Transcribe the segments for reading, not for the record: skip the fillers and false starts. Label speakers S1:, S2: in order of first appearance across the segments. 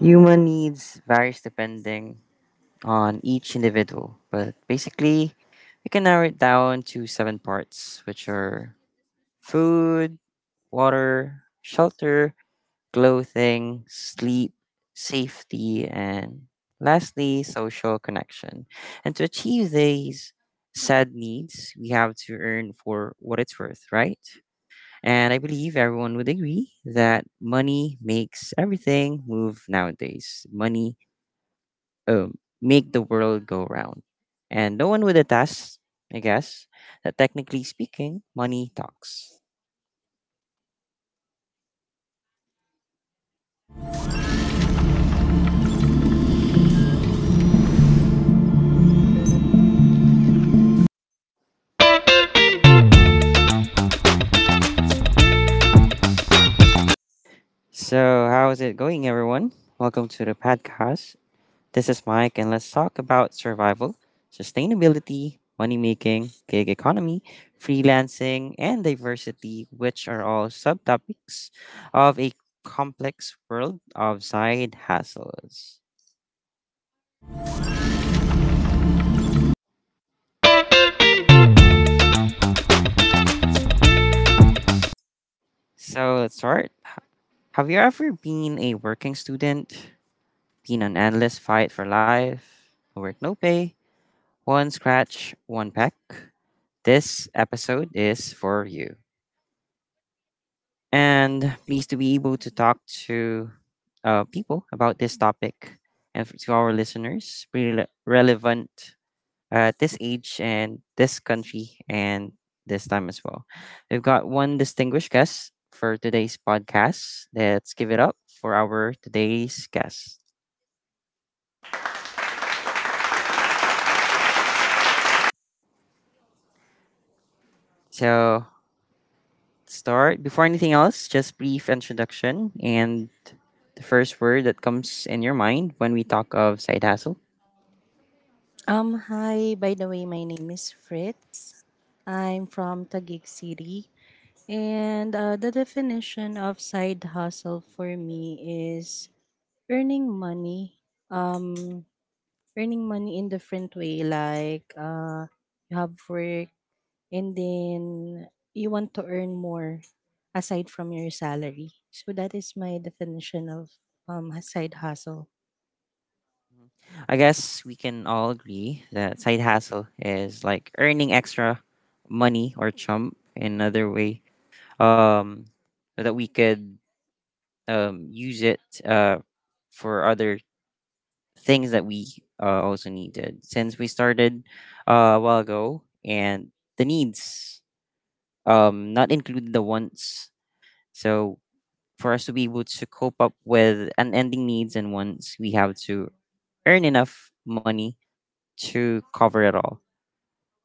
S1: Human needs varies depending on each individual, but basically, we can narrow it down to seven parts, which are food, water, shelter, clothing, sleep, safety, and lastly, social connection. And to achieve these said needs, we have to earn for what it's worth, right? And I believe everyone would agree that money makes everything move nowadays. Money make the world go round. And no one with a task, I guess, that technically speaking, money talks. So, how is it going, everyone? Welcome to the podcast. This is Mike, and let's talk about survival, sustainability, money making, gig economy, freelancing, and diversity, which are all subtopics of a complex world of side hustles. So, let's start. Have you ever been a working student? Been an endless fight for life, no work no pay, one scratch, one peck. This episode is for you. And pleased to be able to talk to people about this topic and to our listeners, really relevant at this age and this country and this time as well. We've got one distinguished guest for today's podcast. Let's give it up for our today's guest. So, start. Before anything else, just brief introduction and the first word that comes in your mind when we talk of side hustle.
S2: Hi, by the way, my name is Fritz. I'm from Taguig City. And the definition of side hustle for me is earning money. Um, earning money in different way, like you have work and then you want to earn more aside from your salary. So that is my definition of side hustle.
S1: I guess we can all agree that side hustle is like earning extra money or chump in another way, um, so that we could use it for other things that we also needed. Since we started a while ago and the needs, not included the wants. So for us to be able to cope up with unending needs and wants, we have to earn enough money to cover it all.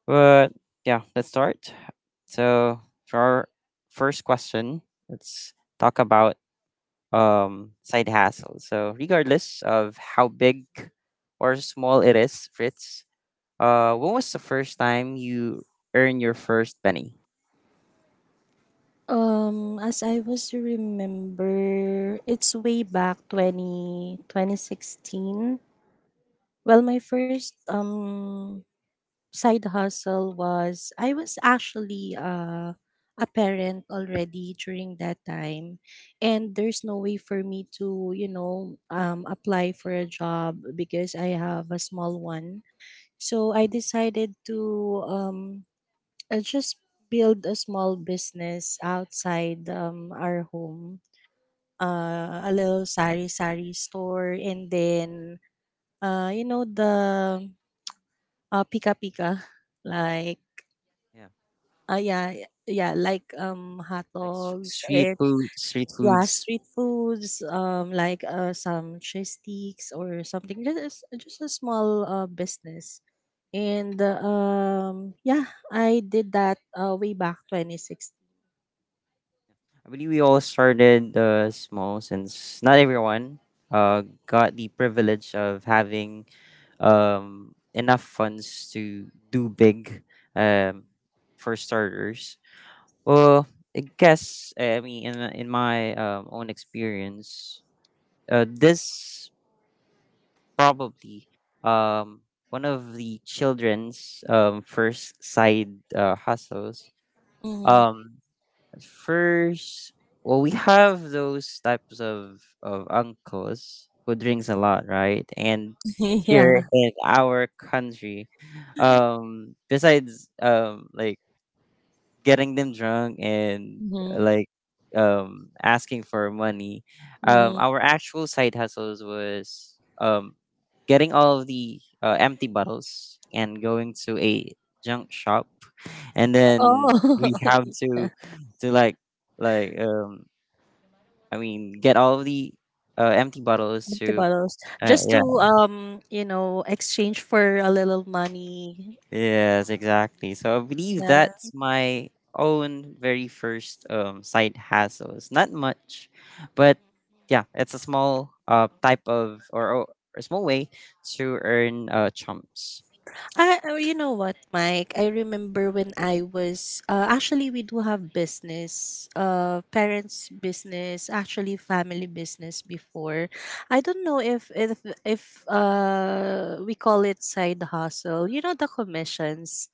S1: But yeah, let's start. So for our first question, let's talk about side hustle. So regardless of how big or small it is, Fritz, when was the first time you earned your first penny?
S2: As I was to remember, it's way back 20 2016. Well, my first side hustle was I was actually a parent already during that time, and there's no way for me to apply for a job because I have a small one. So I decided to um just build a small business outside our home, a little sari sari store, and then the pika pika like
S1: Yeah,
S2: yeah, yeah, like hot
S1: like
S2: dogs,
S1: street
S2: and
S1: food, street
S2: yeah,
S1: foods.
S2: street foods, like some cheese sticks or something, just a small business, and yeah, I did that way back 2016.
S1: Yeah. I believe we all started small since not everyone got the privilege of having enough funds to do big, um, for starters. Well, I guess I mean in my own experience, this probably um, one of the children's first side hustles. Um, First, well, we have those types of uncles who drinks a lot, right? And here
S2: Yeah.
S1: in our country, besides like getting them drunk and
S2: Mhm.
S1: like asking for money,
S2: Mhm.
S1: our actual side hustles was getting all of the empty bottles and going to a junk shop and then
S2: Oh,
S1: we have
S2: yeah.
S1: to like like um I mean get all of the empty bottles
S2: Empty
S1: to
S2: bottles.
S1: uh,
S2: Just
S1: yeah
S2: to exchange for a little money.
S1: yes exactly, so I believe
S2: Yeah.
S1: that's my own very first side hassle. It's not much, but yeah, it's a small type of, or a small way to earn chumps.
S2: Oh, you know what, Mike? I remember when I was actually we do have business, parents' business, actually family business before. I don't know if we call it side hustle. You know the commissions.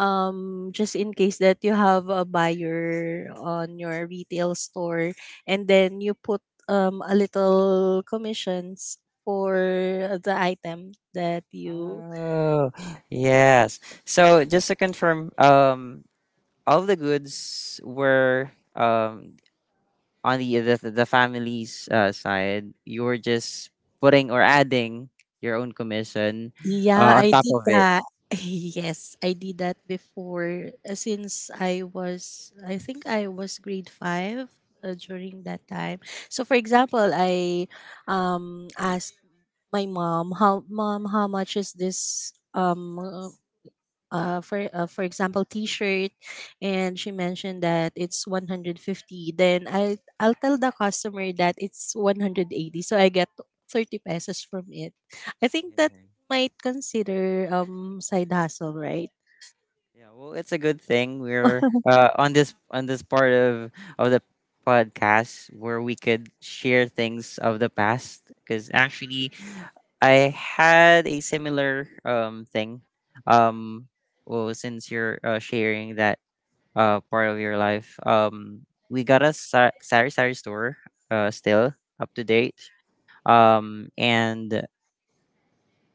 S2: Just in case that you have a buyer on your retail store and then you put a little commissions for the item that you—
S1: Oh, yes. So just to confirm, all the goods were um on the family's side, you were just putting or adding your own commission
S2: Yeah,
S1: on
S2: I
S1: top
S2: did
S1: of it.
S2: that. Yes, I did that before, since I think I was grade 5 during that time. So for example, I asked my mom, how much is this for example, t-shirt, and she mentioned that it's 150, then I'll tell the customer that it's 180, so I get 30 pesos from it. I think
S1: Yeah,
S2: that might consider side hustle, right?
S1: yeah. Well, it's a good thing we're on this part of the podcast where we could share things of the past, because actually I had a similar thing. Um, well, since you're sharing that part of your life. We got a sari sari store still up to date. And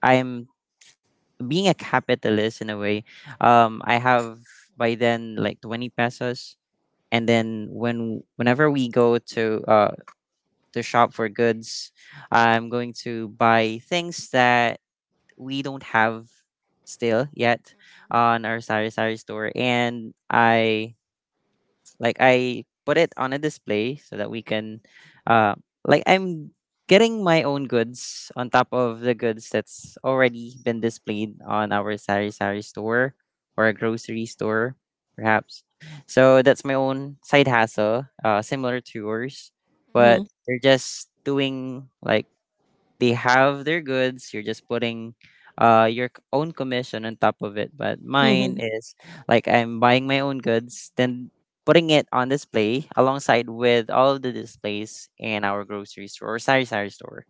S1: I'm being a capitalist in a way. I have by then like 20 pesos, and then whenever we go to to shop for goods, I'm going to buy things that we don't have still yet on our sari sari store, and I put it on a display so that we can, uh, like I'm getting my own goods on top of the goods that's already been displayed on our sari sari store or a grocery store, perhaps. So that's my own side hustle, similar to yours,
S2: Hmm.
S1: but they're just doing like they have their goods, you're just putting your own commission on top of it, but mine
S2: Hmm.
S1: is like I'm buying my own goods then putting it on display alongside with all of the displays in our grocery store or sari sari store.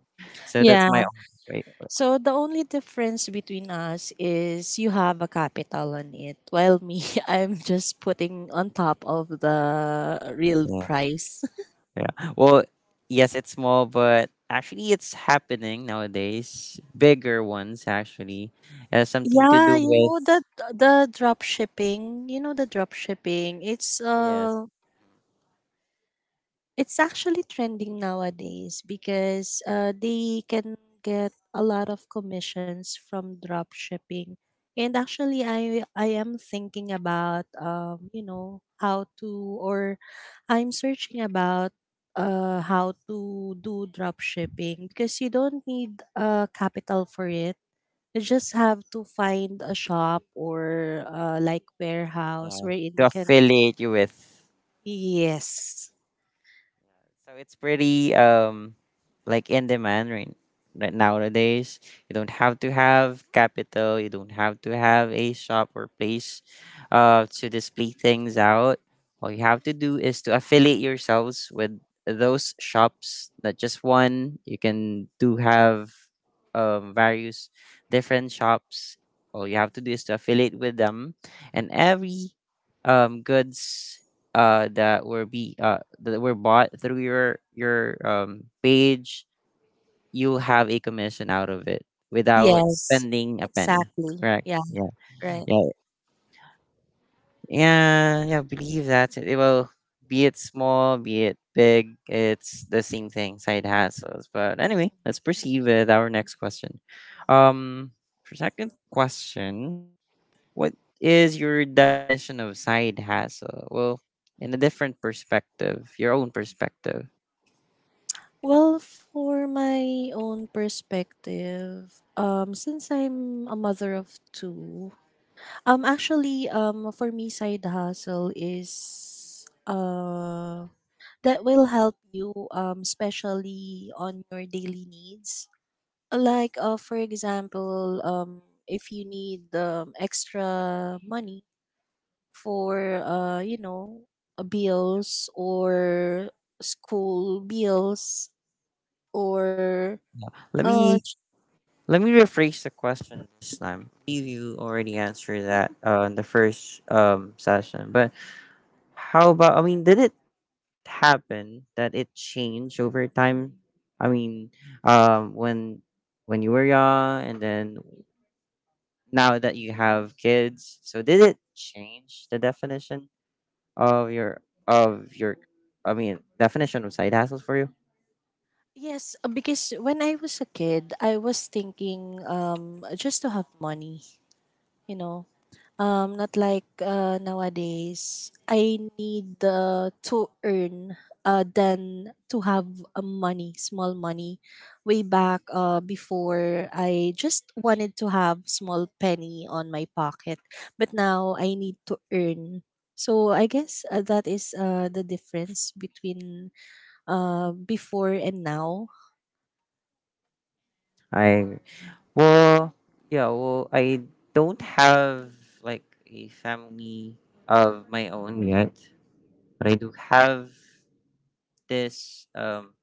S1: So that's
S2: Yeah,
S1: my own way.
S2: so the only difference between us is you have a capital on it while me, I'm just putting on top of the real
S1: Yeah,
S2: price.
S1: yeah. Well, yes, it's small, but actually it's happening nowadays, bigger ones actually. It has something to
S2: Yeah,
S1: do
S2: you
S1: with,
S2: know that, the drop shipping, you know the drop shipping, it's
S1: yes,
S2: uh it's actually trending nowadays because they can get a lot of commissions from drop shipping. And actually I am thinking about how to, or I'm searching about how to do drop shipping because you don't need capital for it. You just have to find a shop or like warehouse
S1: yeah,
S2: wherein
S1: to
S2: you can.
S1: affiliate you with.
S2: Yes.
S1: Yeah, so it's pretty like in demand, right nowadays. You don't have to have capital. You don't have to have a shop or place to display things out. All you have to do is to affiliate yourselves with those shops. Not just one. You can do have various different shops. All you have to do is to affiliate with them, and every goods that were bought through your page, you have a commission out of it without
S2: Yes.
S1: spending a penny.
S2: Exactly.
S1: Correct?
S2: Yeah.
S1: Yeah.
S2: Right.
S1: Yeah. Yeah, yeah, believe that. It will be it small, be it big, it's the same thing, side hustles. But anyway, let's proceed with our next question. Um for second question, what is your definition of side hustle? Well, in a different perspective, your own perspective.
S2: Well, for my own perspective, since I'm a mother of two, actually, for me, side hustle is that will help you especially on your daily needs. Like, for example, if you need extra money for, bills or school bills, or
S1: Let
S2: uh, j-
S1: me let me rephrase the question this time. Believe you already answered that in the first session, but how about? I mean, did it happened that it changed over time? I mean, um, when when you were young, and then now that you have kids, so did it change the definition of your of your? I mean, definition of side hustles for you?
S2: yes, because when I was a kid, I was thinking, just to have money. You know, Um, not like nowadays. I need to earn, than to have a money, small money. Way back, before, I just wanted to have small penny on my pocket. But now I need to earn. So I guess, that is the difference between before and now.
S1: I well, yeah, well, I don't have like a family of my own yet, but I do have this.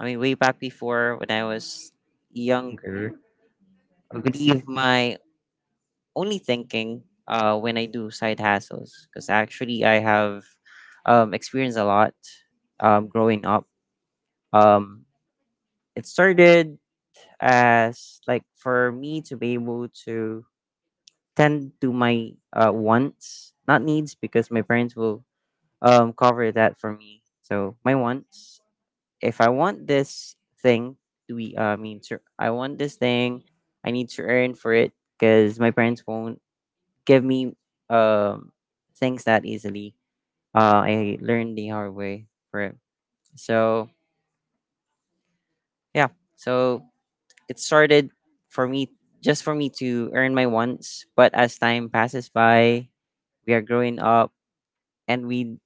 S1: I mean, way back before when I was younger, I believe my only thinking when I do side hustles, because actually I have experienced a lot growing up. Um, it started as like for me to be able to tend to my wants, not needs, because my parents will cover that for me. So my wants, if I want this thing, do we? I mean, to, I want this thing. I need to earn for it because my parents won't give me um, things that easily. I learned the hard way for it. So yeah, so it started for me, just for me to earn my wants. But as time passes by, we are growing up and we,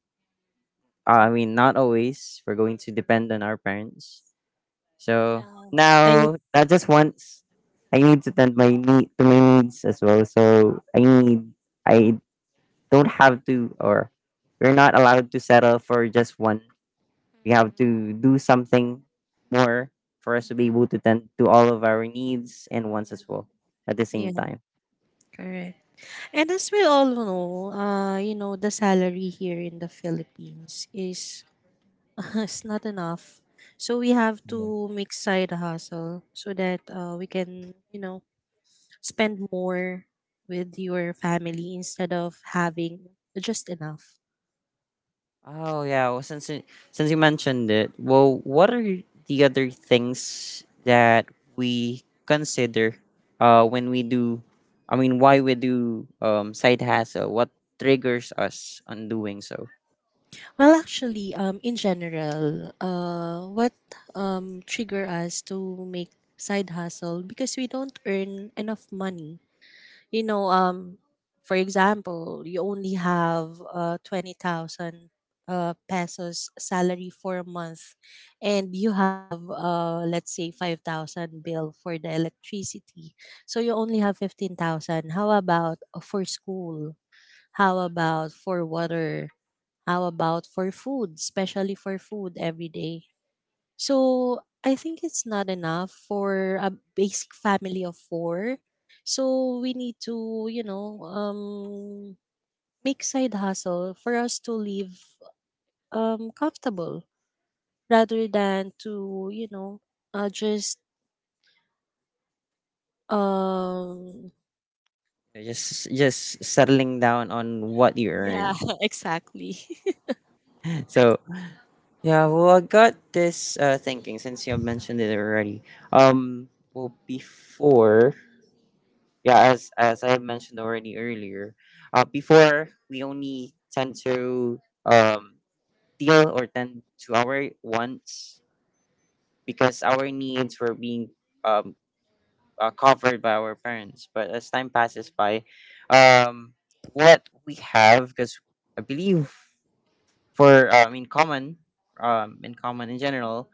S1: I mean not always we're going to depend on our parents. So
S2: Yeah. I,
S1: now not just once, I need to my needs as well. So I need I don't have to, or we're not allowed to settle for just one. We have to do something more for us to be able to tend to all of our needs and wants as well at the same
S2: yeah,
S1: time.
S2: correct. And as we all know, the salary here in the Philippines is it's not enough. So we have to make side hustle so that, we can, spend more with your family instead of having just enough.
S1: Oh yeah. Well, since you mentioned it, well, what are the other things that we consider when we do? I mean, why we do side hustle? What triggers us on doing so?
S2: Well, actually, in general, what trigger us to make side hustle, because we don't earn enough money. You know um for example, you only have 20,000 pesos salary for a month, and you have, let's say, 5,000 bill for the electricity, so you only have 15,000. How about for school? How about for water? How about for food, especially for food every day? So I think it's not enough for a basic family of four. So we need to, make side hustle for us to live comfortable, rather than to, just um,
S1: Just just settling down on what you yeah, earn.
S2: yeah, exactly.
S1: So yeah, well, I got this thinking since you have mentioned it already. Well, before, yeah, as I mentioned already earlier, before we only tend to um deal or tend to our wants because our needs were being um covered by our parents, but as time passes by, um what we have because I believe for in common in common in general,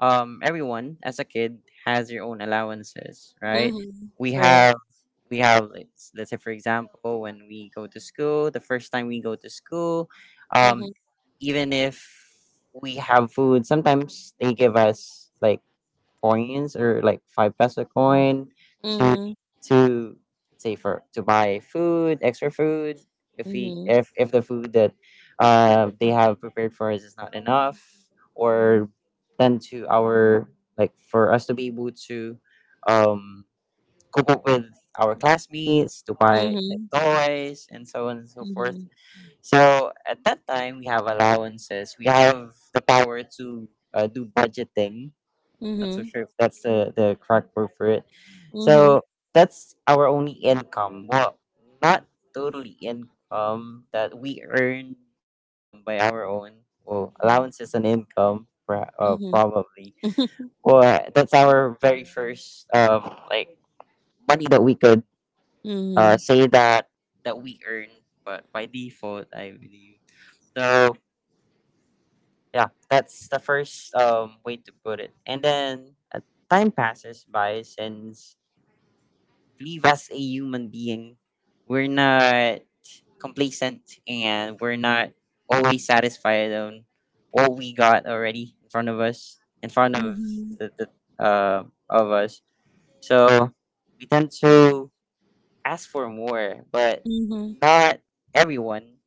S1: everyone as a kid has their own allowances, right?
S2: Mm-hmm.
S1: We
S2: Right.
S1: have, we have, let's say for example, when we go to school, the first time we go to school,
S2: Mm-hmm.
S1: um, even if we have food, sometimes they give us like coins or like 5 peso coin to
S2: Mm-hmm.
S1: to let's say for to buy food, extra food. If we if the food that they have prepared for us is not enough, or then to our like for us to be able to um cook up with our classmates to buy like
S2: Mm-hmm.
S1: toys and so on and so
S2: Mm-hmm.
S1: forth. So at that time, we have allowances. We have the power to do budgeting, not so
S2: Mm-hmm.
S1: sure if that's the correct word for it.
S2: Mm-hmm.
S1: So that's our only income. Well, not totally income that we earn by our own. Well, allowances and income,
S2: Mm-hmm.
S1: probably. Well, that's our very first like money that we could
S2: Mm-hmm.
S1: say that that we earn, but by default, I believe. So yeah, that's the first way to put it. And then time passes by since believe as a human being, we're not complacent and we're not always satisfied on what we got already in front of us, in front of the of us. So we tend to ask for more, but
S2: Mm-hmm.
S1: not everyone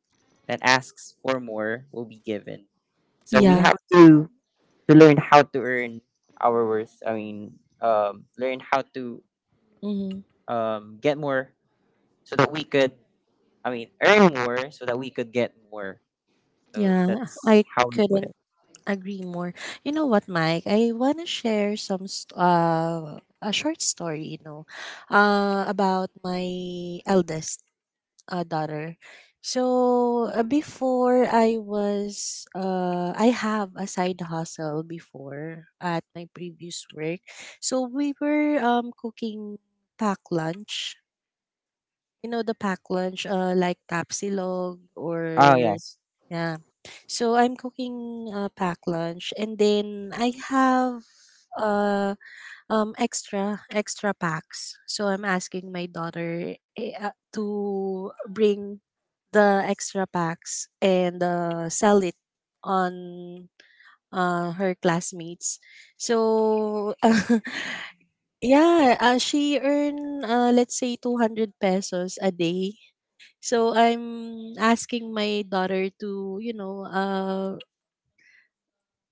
S1: that asks for more will be given. So we
S2: Yeah.
S1: have to learn how to earn our worth. I mean, learn how to
S2: Mm-hmm.
S1: get more so that we could, I mean, earn more so that we could get more. So
S2: Yeah,
S1: that's
S2: I
S1: how we put
S2: couldn't
S1: it.
S2: agree more. You know what, Mike? I want to share some a short story, about my eldest, daughter. So, before, I have a side hustle before at my previous work. So, we were cooking pack lunch, you know, the packed lunch, like tapsilog
S1: Oh,
S2: or—
S1: yes.
S2: yeah. So I'm cooking, packed lunch, and then I have uh extra packs. So I'm asking my daughter, to bring the extra packs and sell it on her classmates. So yeah, she earn, let's say 200 pesos a day, so I'm asking my daughter to,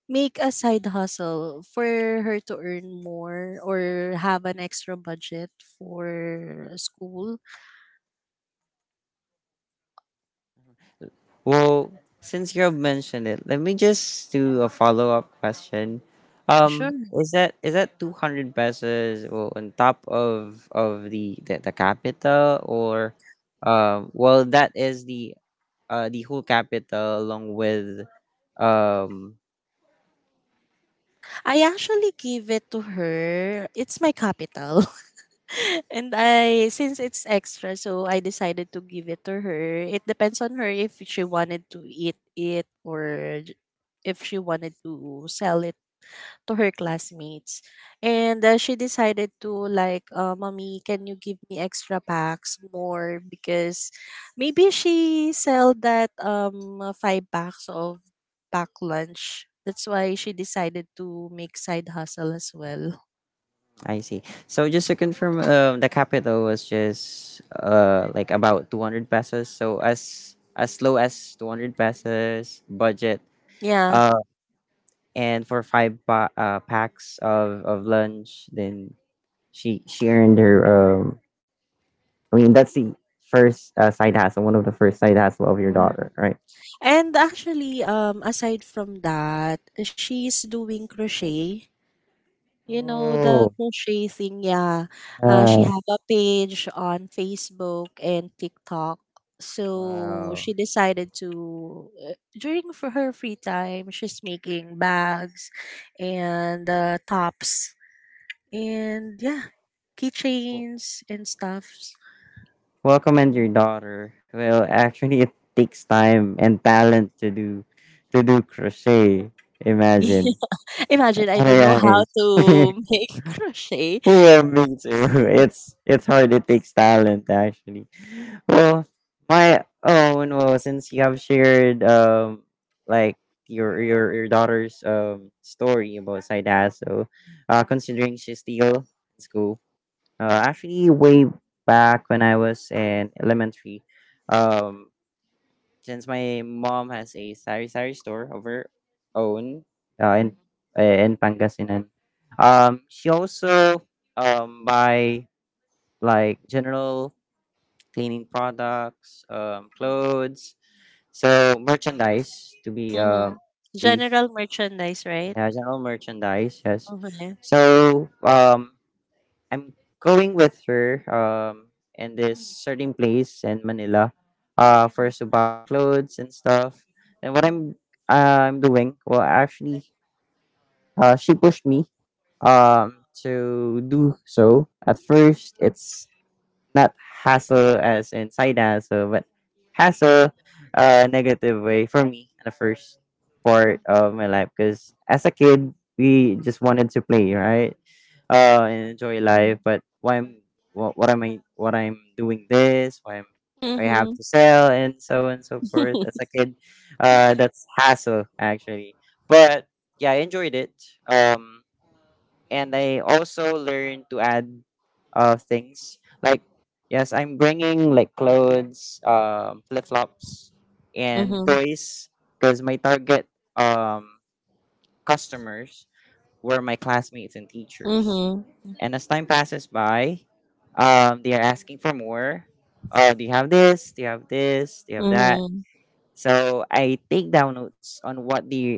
S2: make a side hustle for her to earn more or have an extra budget for school.
S1: Well, since you have mentioned it, let me just do a follow-up question.
S2: Sure.
S1: Is that 200 pesos well, on top of the capital, or well, that is the whole capital along with um
S2: I actually give it to her. It's my capital. and I since it's extra, so I decided to give it to her. It depends on her if she wanted to eat it, or if she wanted to sell it to her classmates, and she decided to, like, "Mommy, can you give me extra packs more?" Because maybe she sell that, five packs of pack lunch. That's why she decided to make side hustle as well.
S1: I see. So just to confirm, the capital was just like about 200 pesos. So as low as 200 pesos budget.
S2: Yeah.
S1: Uh, and for five packs of lunch, then she earned her. I mean that's the first side hustle, one of the first side hustle of your daughter, right?
S2: And actually, aside from that, she's doing crochet. You know, the
S1: Oh,
S2: crochet thing, yeah. She
S1: yeah.
S2: had a page on Facebook and TikTok. So
S1: Wow.
S2: she decided to, during for her free time, she's making bags and tops, and yeah,
S1: Well,
S2: keychains and stuffs.
S1: welcome and your daughter. Well, actually, it takes time and talent to do crochet. Imagine
S2: Imagine, I
S1: at a
S2: don't know
S1: young,
S2: how
S1: yeah,
S2: to
S1: age.
S2: make crochet.
S1: Well, me too. It's hard. It takes talent actually. Well, my own. Well, since you have shared like your daughter's story about side hustle, considering she's still in school. Actually, way back when I was in elementary, um, since my mom has a sari sari store of her own in Pangasinan, she also buy like general cleaning products, clothes, so merchandise to be
S2: Hmm.
S1: brief,
S2: General merchandise, right?
S1: yeah, general merchandise, yes.
S2: Okay.
S1: So I'm going with her in this
S2: Mm-hmm.
S1: certain place in Manila first to buy clothes and stuff. And what I'm doing, well, actually she pushed me to do so. At first it's not hassle as in side hassle, but hassle, negative way for me in the first part of my life. Because as a kid, we just wanted to play, right? And enjoy life. But why am, what am I, what I'm doing this? Why am I have to sell and so forth as a kid. That's hassle actually. But yeah, I enjoyed it. Um, and I also learn to add things like, yes, I'm bringing like clothes, flip flops,
S2: Mm-hmm.
S1: and
S2: Mm-hmm.
S1: toys, because my target um customers were my classmates and teachers. And as time passes by, they are asking for more. Do you have this? Do you have this? Do you have that?
S2: Mm-hmm.
S1: So I take down notes on what they,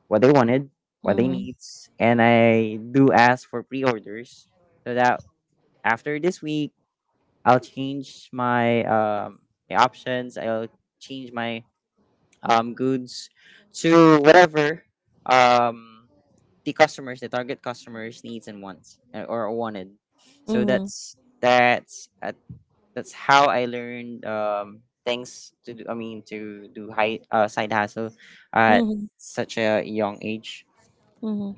S1: what they wanted, what they
S2: Mhm,
S1: needs, and I do ask for pre-orders so that after this week I'll change my options. I'll change my goods to whatever um the customers, the target customers needs and wants, or wanted. So
S2: mhm,
S1: that's how I learned things to do. I mean, to do high side hustle at
S2: mhm,
S1: such a young age.
S2: mhm.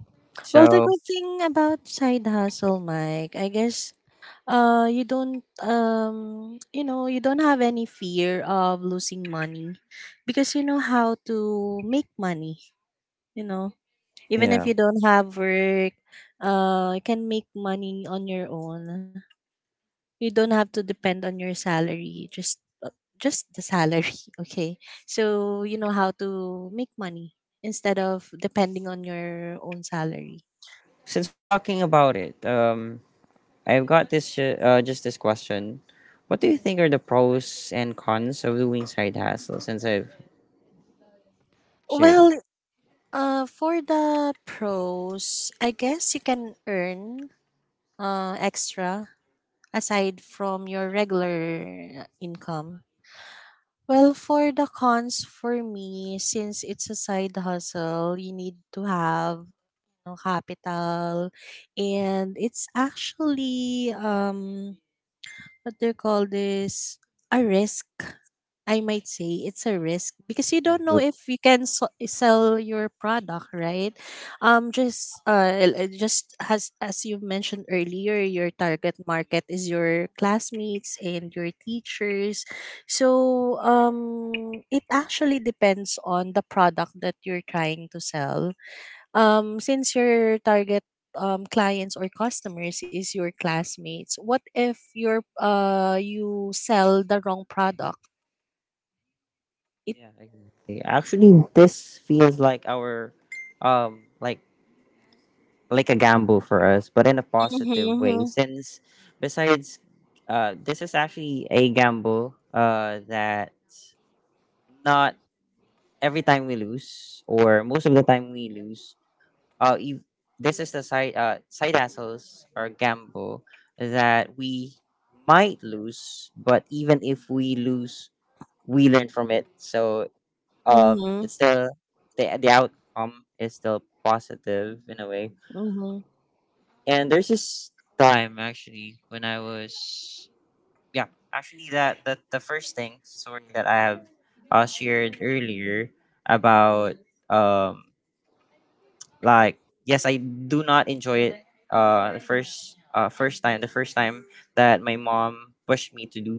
S2: Well, the
S1: So
S2: good thing about side hustle, Mike, I guess, you don't have any fear of losing money because you know how to make money, you know even
S1: yeah.
S2: if you don't have work, you can make money on your own. You don't have to depend on your salary, just, uh, just the salary. Okay. So you know how to make money instead of depending on your own salary.
S1: Since we're talking about it, I've got this just this question. What do you think are the pros and cons of doing side hustle? Since I've shared
S2: Well,
S1: it.
S2: for the pros, I guess you can earn extra aside from your regular income. Well, for the cons, for me, since it's a side hustle, you need to have, capital. And it's actually, what they call this, a risk. I might say it's a risk because you
S1: Yeah.
S2: don't know
S1: Look.
S2: if you can sell your product, right? Just, just as you mentioned earlier, your target market is your classmates and your teachers. So, it actually depends on the product that you're trying to sell. Since your target, clients or customers is your classmates, what if you sell the wrong product? It—
S1: Yeah. Exactly. Actually, this feels like our, like a gamble for us, but in a positive way.
S2: Mhm,
S1: Since besides, this is actually a gamble. That not every time we lose, or most of the time we lose, if this is the side hustles or gamble that we might lose. But even if we lose, we learn from it. So
S2: mhm,
S1: it's still the outcome is still positive in a way.
S2: mhm,
S1: And there's this time actually when I was, yeah, actually that the first thing, sorry, that I have shared earlier about um like, yes, I do not enjoy it. The first time that my mom pushed me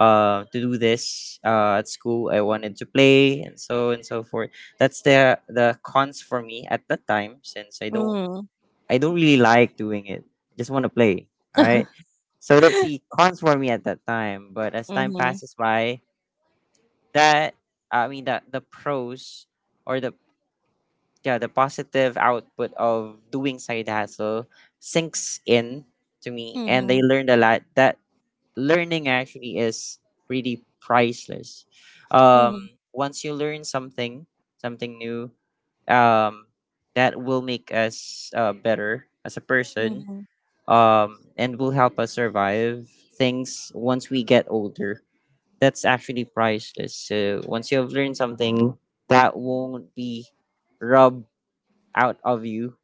S1: to do this at school. I wanted to play and so forth. That's the cons for me at that time since i don't
S2: mhm,
S1: i don't really like doing it. I just want to play, all right? So that's the cons for me at that time, but as time
S2: mhm,
S1: passes by, that, I mean, that the pros or the, yeah, the positive output of doing side hustle sinks in to me, and they
S2: mhm,
S1: learned a lot. That learning actually is pretty priceless.
S2: mhm,
S1: Once you learn something, something new, um, that will make us better as a person,
S2: mhm,
S1: and will help us survive things once we get older. That's actually priceless. So once you have learned something, that won't be rubbed out of you.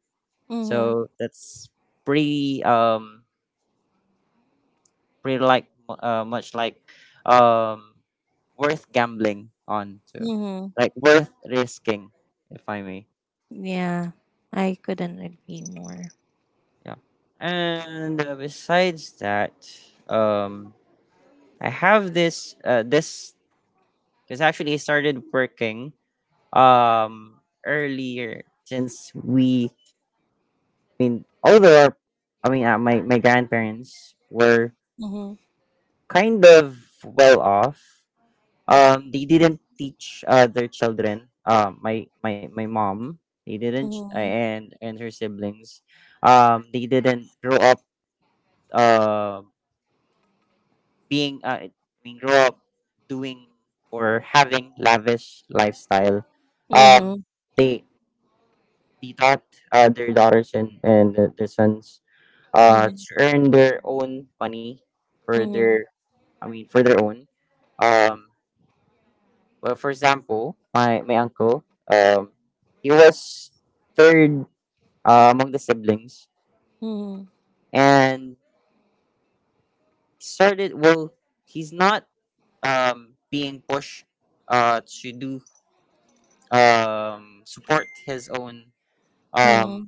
S2: mhm,
S1: So that's pretty pretty like much like um worth gambling on too.
S2: mhm.
S1: Like worth risking, if I may.
S2: Yeah, I couldn't agree more.
S1: Yeah. And besides that, um I have this because actually I started working earlier since we, I mean although our, I mean my grandparents were
S2: Mhm,
S1: kind of well off. They didn't teach their children. My mom, they didn't,
S2: mhm,
S1: and her siblings, they didn't grow up uh being, I mean, grow up doing or having lavish lifestyle. Um,
S2: mhm,
S1: they taught their daughters and their sons
S2: mhm,
S1: to earn their own money for
S2: mhm,
S1: their, I mean for their own. Um, Well, for example, my uncle, um, he was third among the siblings,
S2: mhm,
S1: and started. Well, he's not being pushed to do support his own um
S2: mhm,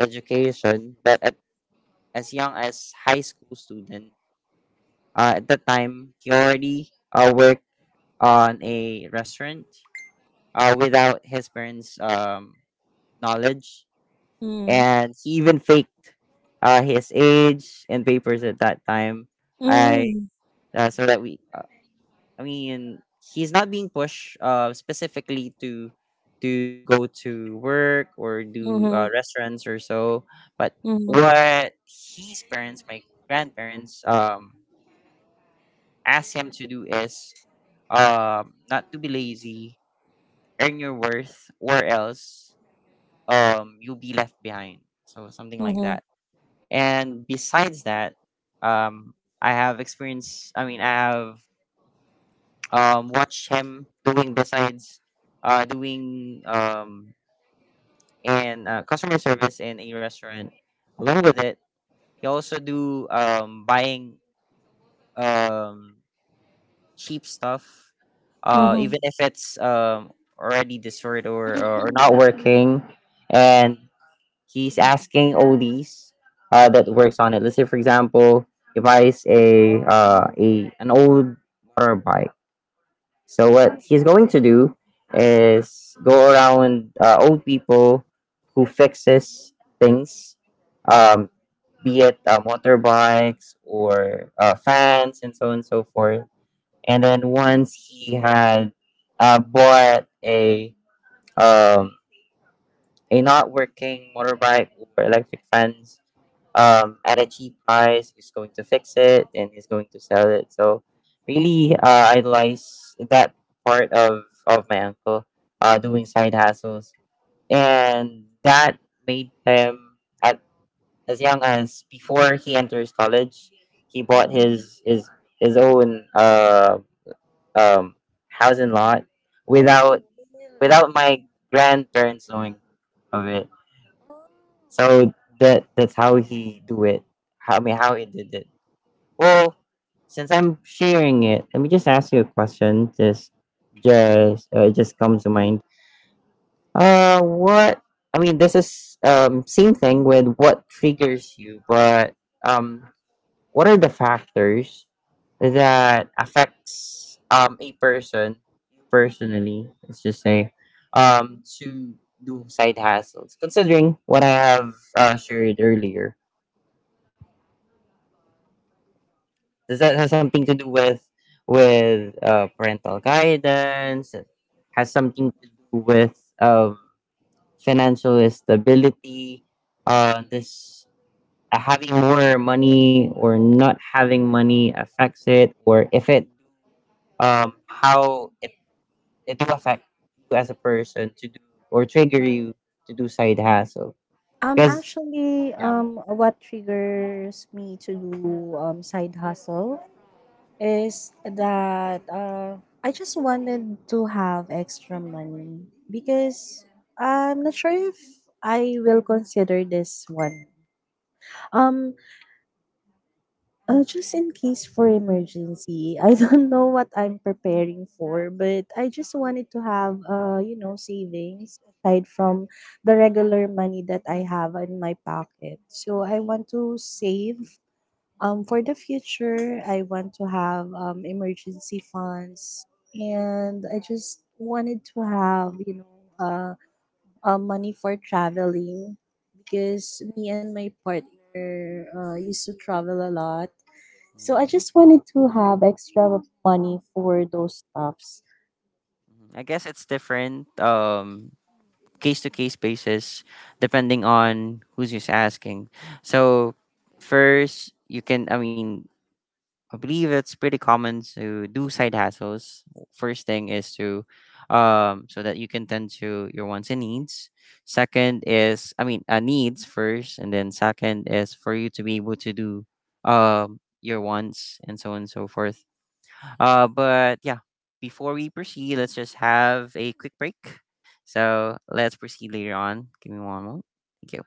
S1: education, but at as young as high school student, at that time he already worked on a restaurant, without his parents' knowledge,
S2: mhm,
S1: and he even faked his age and papers at that time. I
S2: mhm,
S1: so that we, I mean, he's not being pushed, specifically to go to work or do,
S2: mhm,
S1: restaurants or so. But
S2: mhm,
S1: what his parents, my grandparents, asked him to do is not to be lazy, earn your worth, or else you'll be left behind. So something like
S2: mhm.
S1: that. And besides that, I have experience. I mean, I have watched him doing besides doing, and customer service in a restaurant. Along with it, he also do buying um, cheap stuff, even if it's already destroyed, or, not working. And he's asking oldies that works on it. Let's say, for example, he buys a an old motorbike. So what he's going to do is go around old people who fixes things, um, be it motorbikes or fans and so on and so forth. And then once he had bought a, um, not working motorbike or electric fence at a cheap price, is going to fix it and is going to sell it. So really idolize that part of, my uncle doing side hustles. And that made him at as young as before he enters college, he bought his own um, house and lot
S2: Oh,
S1: without
S2: really?
S1: my grandparents knowing of it. So that's how he do it. How, I mean, how he did it. Well, since I'm sharing it, let me just ask you a question. Just, it just comes to mind. What, I mean, this is same thing with what triggers you, but um what are the factors that affects a person personally? Let's just say to do side hustles, considering what I have shared earlier. Does that have something to do with parental guidance? It has something to do with financial stability? This, having more money or not having money affects it, or if it, how it will affect you as a person to do, or trigger you to do side hustle,
S2: Um,
S1: because
S2: actually,
S1: yeah.
S2: what triggers me to do side hustle is that, I just wanted to have extra money because I'm not sure if I will consider this one. Um, just in case for emergency, I don't know what I'm preparing for, but I just wanted to have, savings aside from the regular money that I have in my pocket. So I want to save, for the future. I want to have, emergency funds. And I just wanted to have, uh, money for traveling because me and my partner used to travel a lot, so I
S1: Mm.
S2: just wanted to have extra money for those stuffs.
S1: Mhm. I guess it's different. Case to case basis depending on who's just asking. So first you can, I mean, I believe it's pretty common to do side hustles. First thing is to so that you can tend to your wants and needs. Second is, I mean, needs first, and then second is for you to be able to do your wants and so on and so forth. But yeah, before we proceed, let's just have a quick break. So let's proceed later on. Give me one moment. Thank you.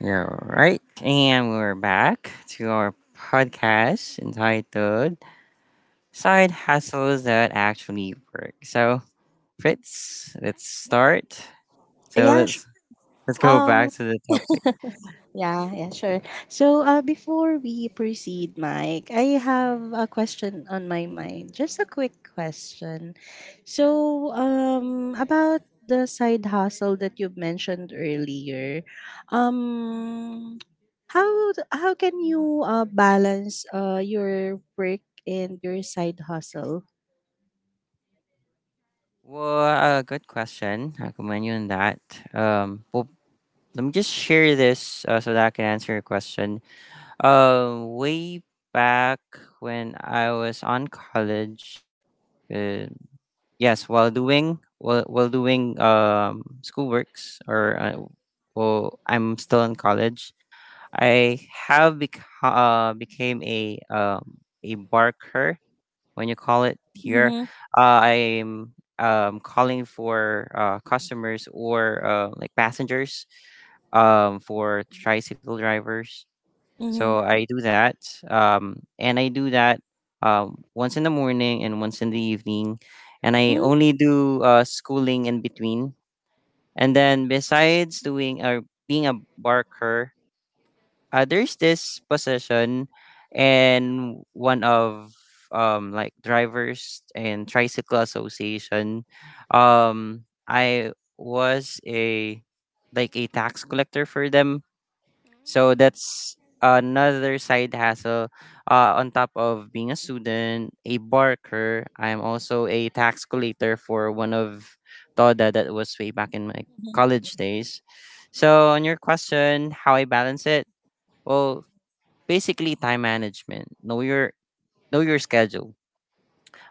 S1: Yeah, all right. And we're back to our podcast entitled Side Hustles That Actually Work. So, Fritz, let's start. So,
S2: Yeah,
S1: let's go
S2: um,
S1: back to the topic.
S2: yeah, yeah, sure. So, before we proceed, Mike, I have a question on my mind. Just a quick question. So, about the side hustle that you've mentioned earlier, um, how how can you, balance, your work and your side hustle?
S1: Well, good question. I commend you on that. Um, well, let me just share this so that I can answer your question. Way back when I was on college, uh, yes, while doing schoolworks or well, I'm still in college. I have became a a barker when you call it here.
S2: Mm-hmm,
S1: I'm calling for customers or like passengers for tricycle drivers,
S2: mm-hmm,
S1: so I do that, and I do that once in the morning and once in the evening, and I only do schooling in between. And then besides doing or being a barker, there's this position and one of like drivers and tricycle association. I was a like a tax collector for them, so that's another side hustle. On top of being a student, a barker, I'm also a tax collector for one of Toda. That was way back in my
S2: mm-hmm,
S1: college days. So on your question, how I balance it? Well, basically time management. Know your schedule.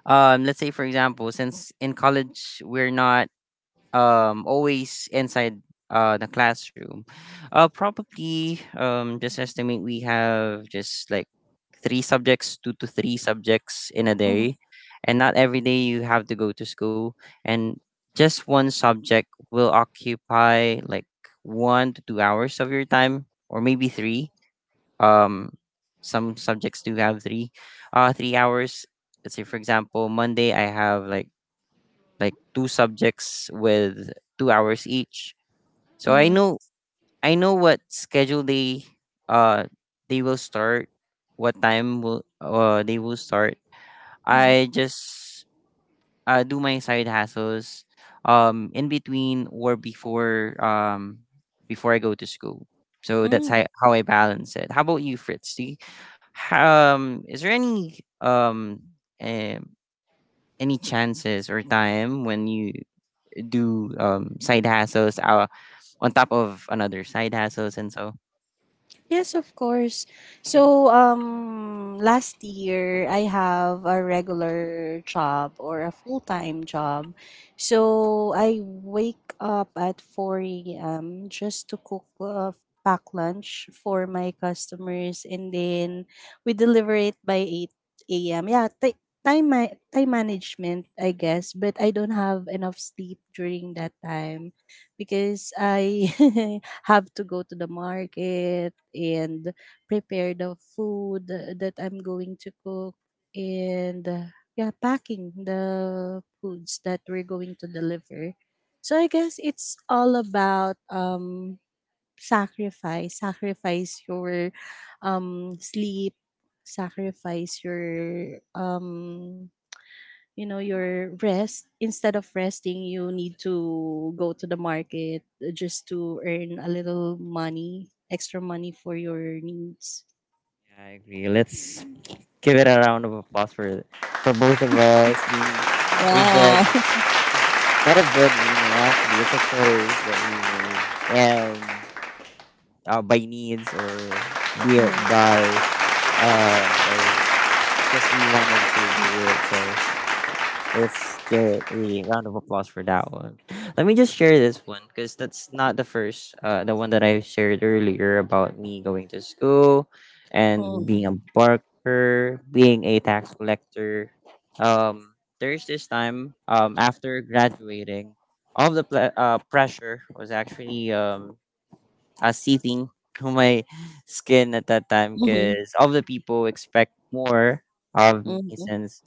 S1: Let's say, for example, since in college we're not always inside the classroom, probably just estimate we have just like three subjects two to three subjects in a day, and not every day you have to go to school, and just one subject will occupy like 1 to 2 hours of your time, or maybe three. um some subjects do have 3 hours. Let's say, for example, Monday I have like two subjects with 2 hours each. So
S2: Mhm.
S1: I know what schedule uh they will start, what time will they will start.
S2: Mhm.
S1: I just do my side hassles in between or before I go to school. So that's
S2: Mm.
S1: how I balance it. How about you, Fritz? Is there um any chances or time when you do side hustles on top of another side hustles and so?
S2: Yes, of course. So, last year I have a regular job or a full-time job. So I wake up at 4 a.m. just to cook, pack lunch for my customers, and then we deliver it by 8 a.m. Yeah, time management, I guess. But I don't have enough sleep during that time because I have to go to the market and prepare the food that I'm going to cook and yeah, packing the foods that we're going to deliver. So I guess it's all about sacrifice, sacrifice your sleep, sacrifice your your rest instead of resting you need to go to the market just to earn a little money extra money for your needs.
S1: Yeah, I agree. Let's give it a round of applause for both of us being a bread,
S2: Wow.
S1: not a breadwinner. Actually, it's a choice that we made, and by needs or be it
S2: Mhm,
S1: by just we wanted to do it. So let's get a round of applause for that one. Let me just share this one, because that's not the first, the one that I shared earlier about me going to school and being a barker, being a tax collector. Um, there's this time after graduating, all the pressure was actually seething to my skin at that time,
S2: mhm,
S1: because all the people expect more of me.
S2: mhm,
S1: Since,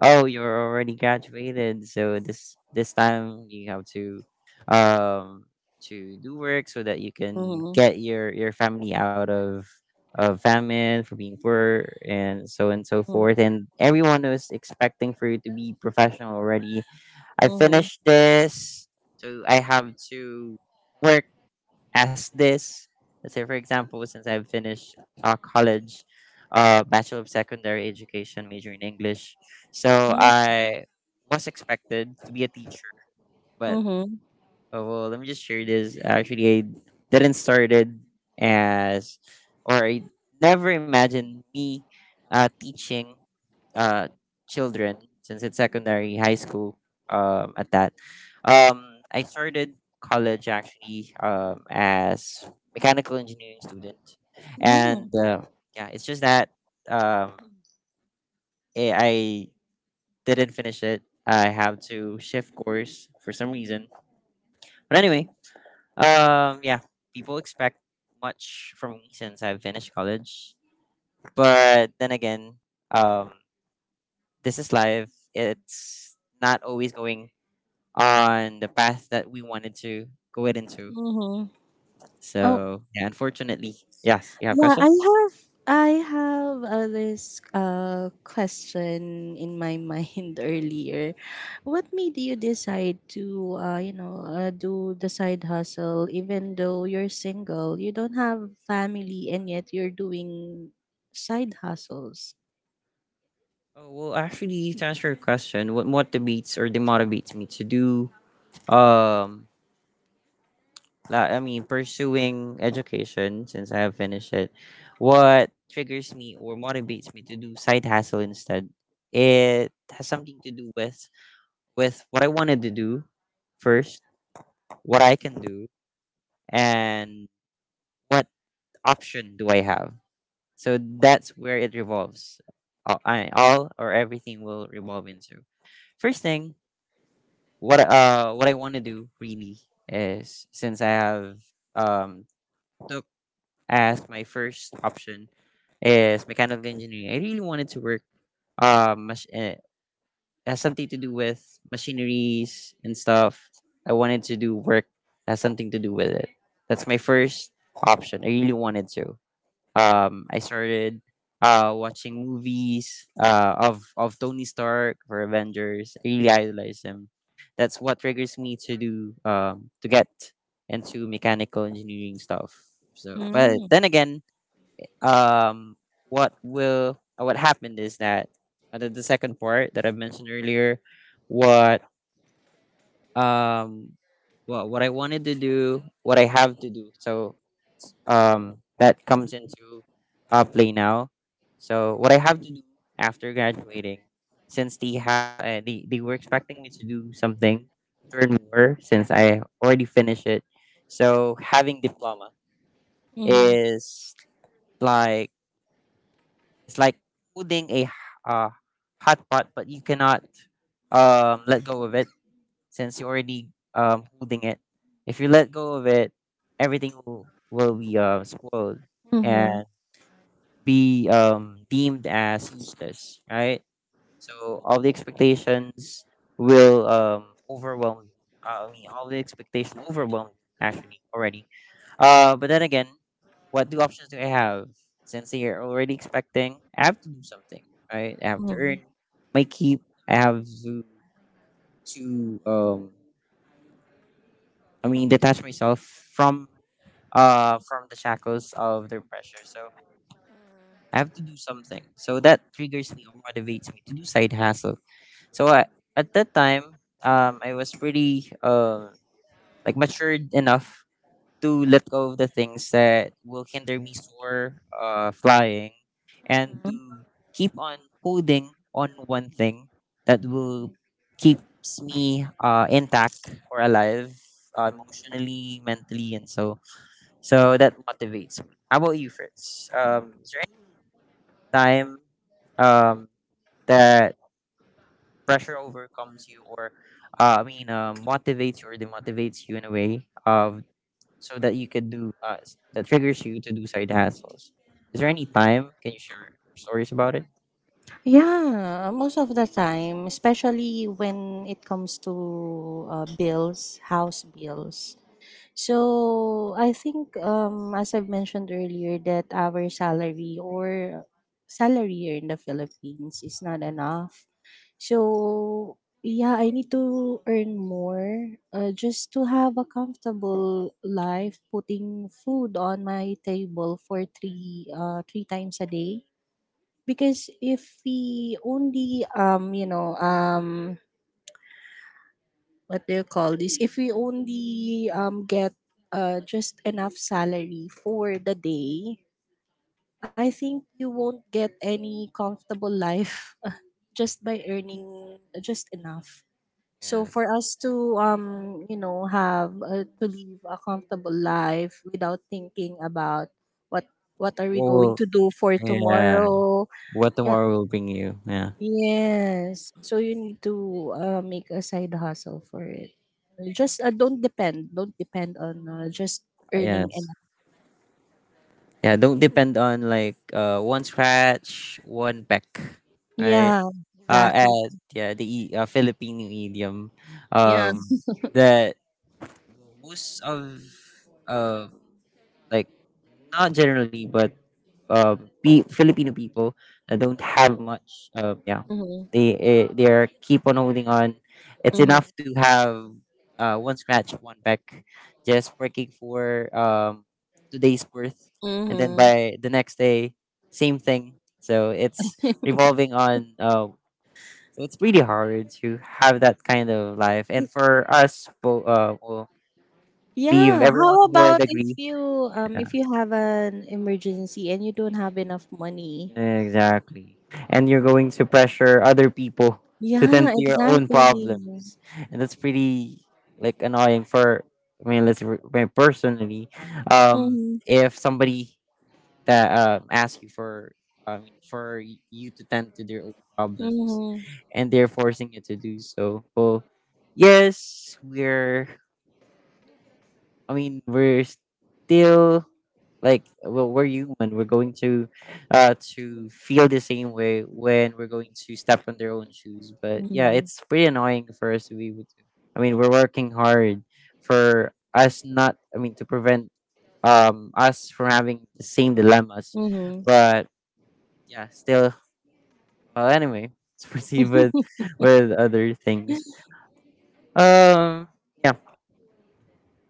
S1: oh, you're already graduated, so this time you have um to do work so that you can
S2: mhm,
S1: get your family out of famine for being poor and so
S2: mhm,
S1: forth, and everyone was expecting for you to be professional already. I
S2: mhm,
S1: finished this, so I have to work as this. Let's say, for example, since I've finished college, Bachelor of Secondary Education, major in English. So I was expected to be a teacher, but
S2: mhm,
S1: oh, well, let me just share this. Actually, I didn't started as, or I never imagined me teaching uh, children, since it's secondary high school at that. I started college actually as mechanical engineering student,
S2: mhm, mhm.
S1: and yeah, it's just that um, I didn't finish it. I have to shift course for some reason. But anyway, yeah, people expect much from me since I've finished college. But then again, um, this is life. It's not always going on the path that we wanted to go it into.
S2: Mhm. Oh,
S1: So yeah, unfortunately, yes. You have a
S2: yeah,
S1: question?
S2: I have this question in my mind earlier. What made you decide to do the side hustle even though you're single? You don't have family and yet you're doing side hustles.
S1: Oh, well, actually, to answer your question, what motivates or demotivates me to do, um, I mean, pursuing education since I have finished it, what triggers me or motivates me to do side hustle instead? It has something to do with what I wanted to do first, what I can do, and what option do I have. So that's where it revolves. All, I, all or everything will revolve into. First thing, what I want to do really is, since I have um took as my first option is mechanical engineering. I really wanted to work um mach- uh, has something to do with machineries and stuff. I wanted to do work that has something to do with it. That's my first option. I really wanted to. I started watching movies of Tony Stark for Avengers. I really idolize him. That's what triggers me to do to get into mechanical engineering stuff. So, but
S2: Mm.
S1: then again, um, what will what happened is that the second part that I mentioned earlier, what um, what I wanted to do, what I have to do. So that comes into play now. So what I have to do after graduating, since the they were expecting me to do something, learn more since I already finished it. So having diploma
S2: Mm-hmm.
S1: is like it's like holding a uh, hot pot, but you cannot let go of it since you're already holding it. If you let go of it, everything will be spoiled
S2: Mm-hmm.
S1: and be deemed as useless, right? So all the expectations will overwhelm you. I mean, all the expectation overwhelm you, actually already. But then again, what two options do I have? Since you're already expecting, I have to do something, right? I have to earn
S2: Mm-hmm.
S1: my keep. I have to I mean, detach myself from from the shackles of their pressure. So I have to do something. So that triggers me or motivates me to do side hustle. So I, at that time, I was pretty like matured enough to let go of the things that will hinder me soar, flying, and to keep on holding on one thing that will keeps me intact or alive, emotionally, mentally, and so so that motivates me. How about you, Fritz? Is there time um, that pressure overcomes you or I mean motivates you or demotivates you in a way of so that you could do that triggers you to do side hustles. Is there any time can you share your stories about it?
S2: Yeah, most of the time, especially when it comes to bills, house bills. So I think as I've mentioned earlier that our salary or salary here in the Philippines is not enough. So yeah, I need to earn more just to have a comfortable life, putting food on my table for three three times a day. Because if we only what do you call this, if we only get just enough salary for the day, I think you won't get any comfortable life just by earning just enough. So
S1: Yes.
S2: for us to have to live a comfortable life without thinking about what what are we going
S1: Well,
S2: to do for
S1: yeah.
S2: tomorrow,
S1: What
S2: yeah.
S1: tomorrow will bring you? Yeah.
S2: Yes. So you need to make a side hustle for it. Just don't depend. Don't depend on just
S1: Yeah.
S2: earning enough.
S1: Yeah, don't depend on like one scratch, one peck, right?
S2: Yeah, exactly.
S1: And yeah, the Filipino idiom, um,
S2: Yes.
S1: that most of uh like not generally, but pe Filipino people don't have much. Yeah,
S2: Yeah. Mm-hmm.
S1: they they are keep on holding on. It's
S2: Mm-hmm.
S1: enough to have one scratch, one peck, just working for today's worth, and then
S2: Mm-hmm.
S1: by the next day, same thing. So it's revolving on. So it's pretty hard to have that kind of life, and for us, well,
S2: Yeah.
S1: believe everyone
S2: How
S1: would
S2: about
S1: agree. Yeah.
S2: if you have an emergency and you don't have enough money?
S1: Exactly. And you're going to pressure other people to
S2: Yeah,
S1: tend to your own
S2: exactly. Mm-hmm.
S1: problems. And that's pretty like annoying for, I mean, I mean, personally, um
S2: Mm-hmm.
S1: if somebody that asks you for you to tend to their own problems, and they're forcing you to do so. Well, yes, we're I mean, we're still like, well, we're human. We're going to feel the same way when we're going to step on their own shoes. But yeah,
S2: Mm-hmm.
S1: it's pretty annoying for us to be able to. I mean, we're working hard for us not. I mean, to prevent us from having the same dilemmas.
S2: Mm-hmm.
S1: But yeah, still. Well, anyway, let's proceed with other things. Um. Yeah.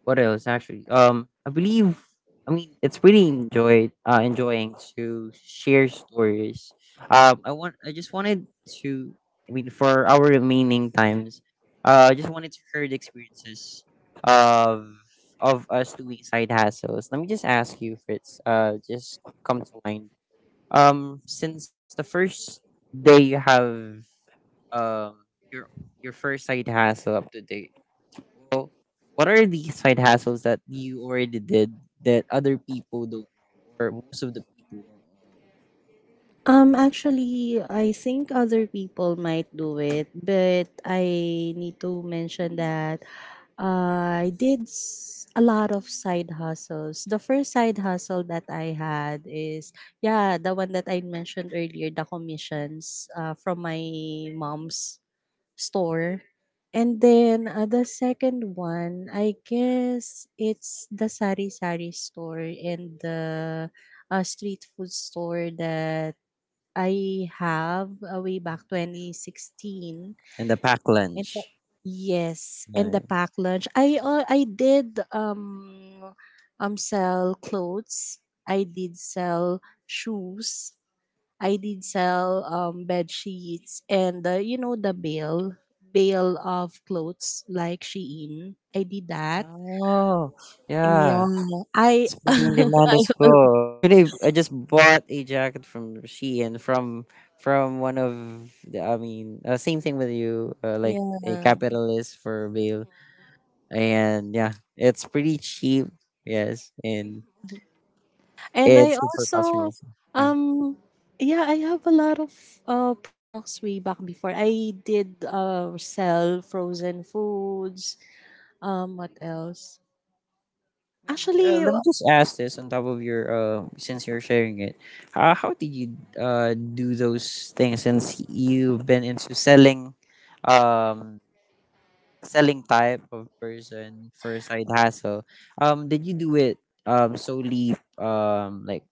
S1: What else actually? I believe. I mean, it's really enjoyed enjoying to share stories. I want. I just wanted to. I mean, for our remaining times, I just wanted to hear the experiences of us doing side hustles. Let me just ask you, Fritz. Just come to mind. Since the first day you have your first side hustle up to date, so what are these side hustles that you already did that other people don't, or most of the people don't know?
S2: Actually, I think other people might do it, but I need to mention that a lot of side hustles. The first side hustle that I had is, yeah, the one that I mentioned earlier, the commissions from my mom's store. And then the second one, I guess it's the sari sari store and the street food store that I have way back 2016.
S1: And the pack
S2: And the,
S1: lunch.
S2: yes, and the
S1: Yeah.
S2: pack lunch. I did sell clothes. I did sell shoes. I did sell bed sheets and you know the bale of clothes like Shein. I did that.
S1: Oh,
S2: Yeah,
S1: yeah.
S2: I
S1: It's pretty in demand as well. Actually, I just bought a jacket from Shein from one of the. I mean, same thing with you. Like a
S2: yeah.
S1: capitalist for bail, and yeah, it's pretty cheap. Yes, and
S2: And
S1: it's
S2: I
S1: good for
S2: also
S1: customers. Yeah.
S2: um yeah, I have a lot of products way back before. I did sell frozen foods. Um, what else?
S1: I mean,
S2: Actually,
S1: let me just ask this on top of your since you're sharing it. How did you do those things, since you've been into selling, um, selling type of person for side hustle? Did you do it solely like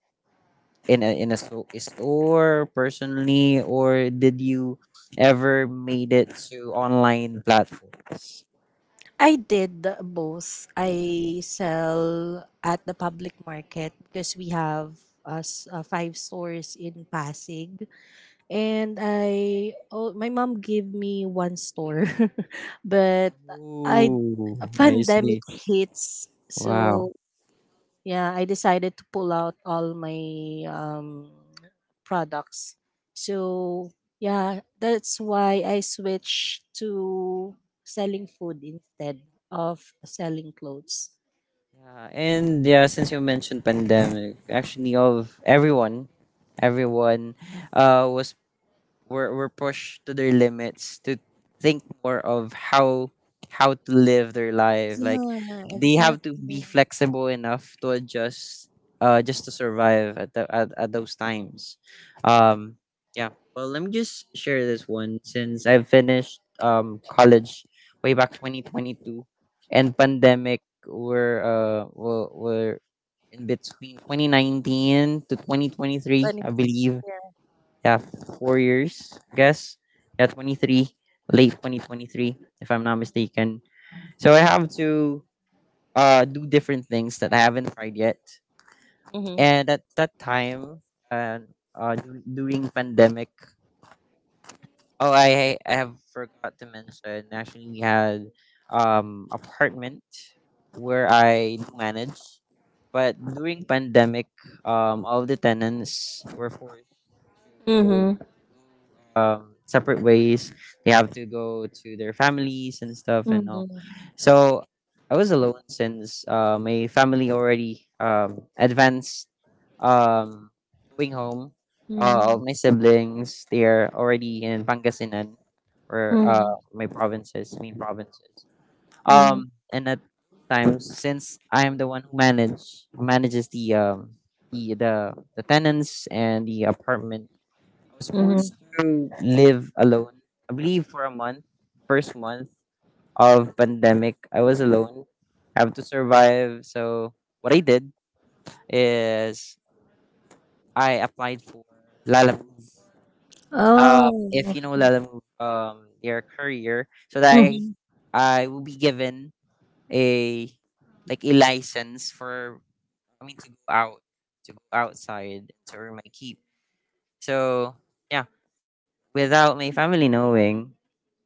S1: in a store personally, or did you ever made it to online platforms?
S2: I did both. I sell at the public market because we have us five stores in Pasig and I, oh, my mom gave me one store but I,
S1: Ooh, I see.
S2: pandemic hits,
S1: Wow.
S2: so yeah, I decided to pull out all my products. So yeah, that's why I switched to selling food instead of selling clothes.
S1: Yeah, and yeah, since you mentioned pandemic, actually of everyone, everyone uh was were, were pushed to their limits to think more of how to live their life like
S2: Yeah,
S1: they have to be
S2: exactly.
S1: flexible enough to adjust just to survive at, the, at those times. um yeah well, let me just share this one since I finished college way back 2022, and pandemic were in between 2019 to 2023,
S2: Twenty-
S1: I believe.
S2: yeah.
S1: Yeah, 4 years, I guess. Yeah, 23, late 2023, if I'm not mistaken. So I have to do different things that I haven't tried yet.
S2: Mhm.
S1: And at that time, uh, during pandemic, oh, I have forgot to mention, actually, we had apartment where I do manage. But during pandemic, all the tenants were forced
S2: Mhm.
S1: separate ways. They have to go to their families and stuff and all.
S2: Mhm.
S1: So I was alone since my family already advanced um, going home. All
S2: Mhm.
S1: my siblings, they are already in Pangasinan, or
S2: Mhm.
S1: my provinces, main provinces.
S2: Mhm.
S1: And at times, since I am the one who manages the the tenants and the apartment, I was
S2: Mhm.
S1: forced to live alone. I believe for a month, first month of pandemic, I was alone. I have to survive. So what I did is I applied for Lalamove. If you
S2: Oh.
S1: know Lalamove, their career, so that
S2: Mhm.
S1: I will be given a like a license for, I mean, to go out, to go outside to earn my keep. So yeah, without my family knowing.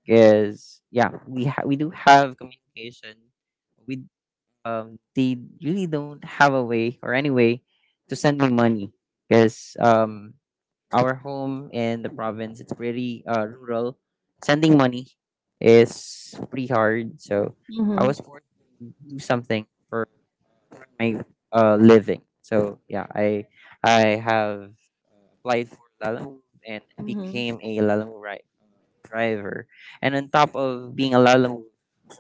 S1: Because yeah, we do have communication. We They really don't have a way or any way to send me money, because our home in the province, it's pretty rural. Sending money is pretty hard, so I
S2: Mhm.
S1: was forced to do something for my living. So yeah, I have applied for Lalamove and
S2: Mhm.
S1: became a driver. And on top of being a Lalamove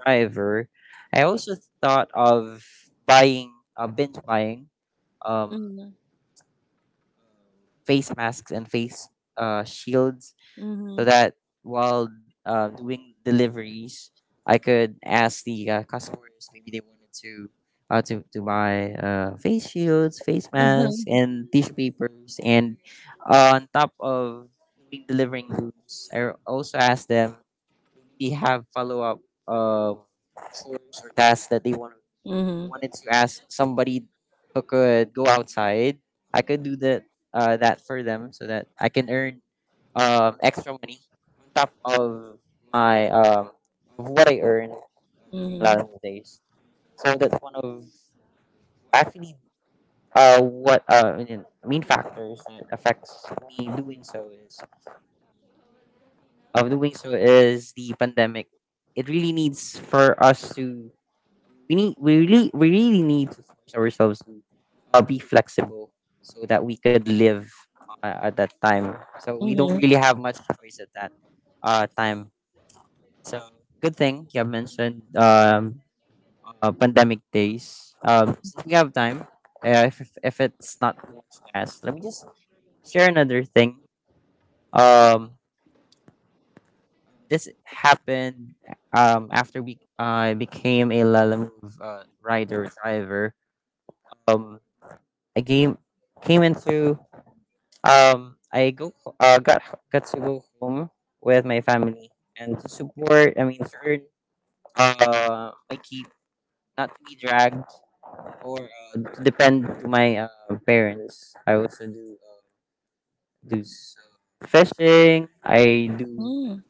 S1: driver, I also thought of buying binge buying um
S2: Mhm.
S1: face masks and face shields, so
S2: Mhm.
S1: that while doing deliveries, I could ask the customers maybe they wanted to to buy face shields, face
S2: Uh-huh.
S1: masks, and tissue papers. And on top of doing delivering goods, I also asked them, they have follow up uh, tasks that they want
S2: Mhm.
S1: wanted to ask somebody who could go outside. I could do that for them so that I can earn extra money on top of my of what I earn a lot
S2: Mhm.
S1: of the days. So that's one of, actually, what I mean, main factors that affects me doing so is of doing so is the pandemic. It really needs for us to, we really need to force ourselves to be flexible so that we could live at that time. So we don't
S2: Mhm.
S1: really have much choice at that time. So good thing you have mentioned pandemic days. Since we have time, if it's not too much to ask, let me just share another thing. Um, This happened after we I became a Lalamove rider driver. Um, I came came into, I go uh got got to go home with my family and to support. I mean, to earn my keep, not to be dragged or to depend to my parents. I also do do s- fishing. I do
S2: Mm.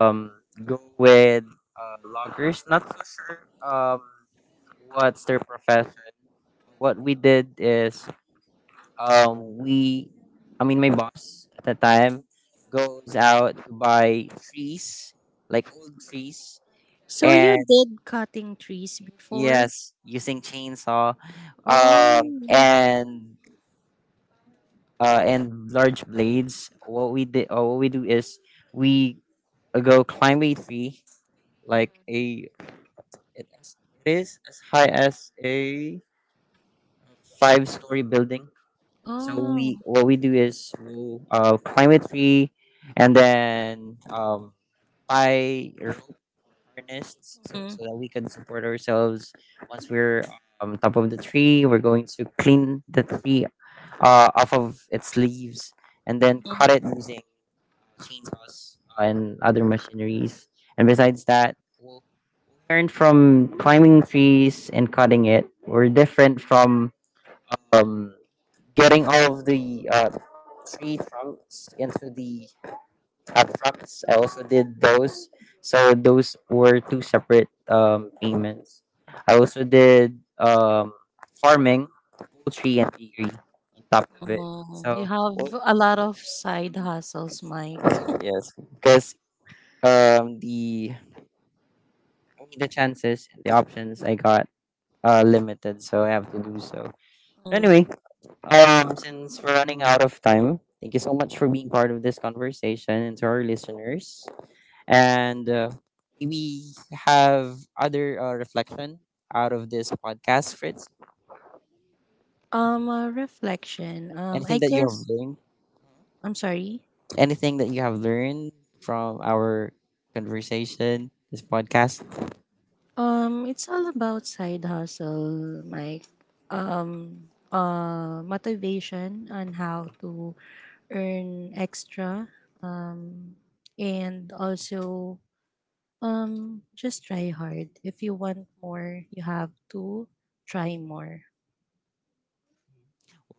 S1: um go with loggers. Not so sure what's their profession. What we did is we I mean, my boss at the time goes out to buy trees, like old trees,
S2: So you
S1: and
S2: did cutting trees before?
S1: yes, using chainsaw
S2: Oh.
S1: um and and large blades. What we did or what we do is we go climb a tree like a, it is as high as a five-story building. So
S2: Oh.
S1: we what we do is we'll climb a tree, and then tie rope harnessed,
S2: Mm.
S1: so that we can support ourselves. Once we're on top of the tree, we're going to clean the tree off of its leaves, and then
S2: Mm.
S1: cut it using chainsaws and other machineries. And besides that, we'll learn from climbing trees and cutting it. We're different from um, getting all of the tree trunks into the at Saks. I also did those. So those were two separate payments. I also did farming, poultry, and dairy on top of it.
S2: Oh, you
S1: So well,
S2: have a lot of side hustles, Mike.
S1: yes, because the I mean, the chances, the options I got are limited, so I have to do so.
S2: Mm.
S1: Anyway, since we're running out of time, thank you so much for being part of this conversation and to our listeners. And we have other reflection out of this podcast, Fritz.
S2: Um, a reflection.
S1: Anything
S2: I
S1: that you have
S2: guess
S1: learned?
S2: I'm sorry.
S1: Anything that you have learned from our conversation, this podcast?
S2: It's all about side hustle, Mike. Motivation on how to earn extra. Um, and also, just try hard. If you want more, you have to try more.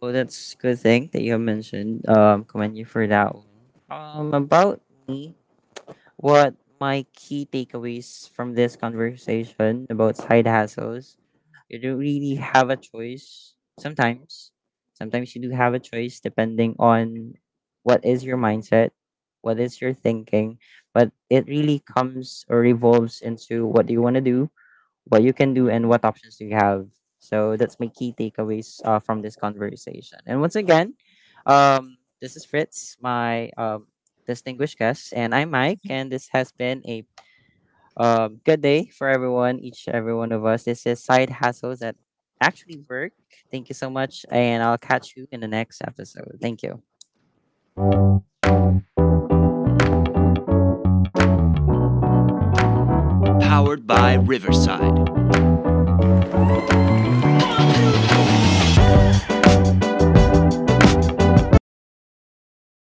S1: Well, that's a good thing that you have mentioned. Commend you for that one. About me, what my key takeaways from this conversation about side hustles. You don't really have a choice sometimes. Sometimes you do have a choice depending on what is your mindset, what is your thinking, but it really comes or revolves into what do you want to do, what you can do, and what options do you have. So that's my key takeaways from this conversation. And once again, this is Fritz, my distinguished guest, and I'm Mike, and this has been a good day for everyone, each every one of us. This is side hustles that actually work. Thank you so much, and I'll catch you in the next episode. Thank you.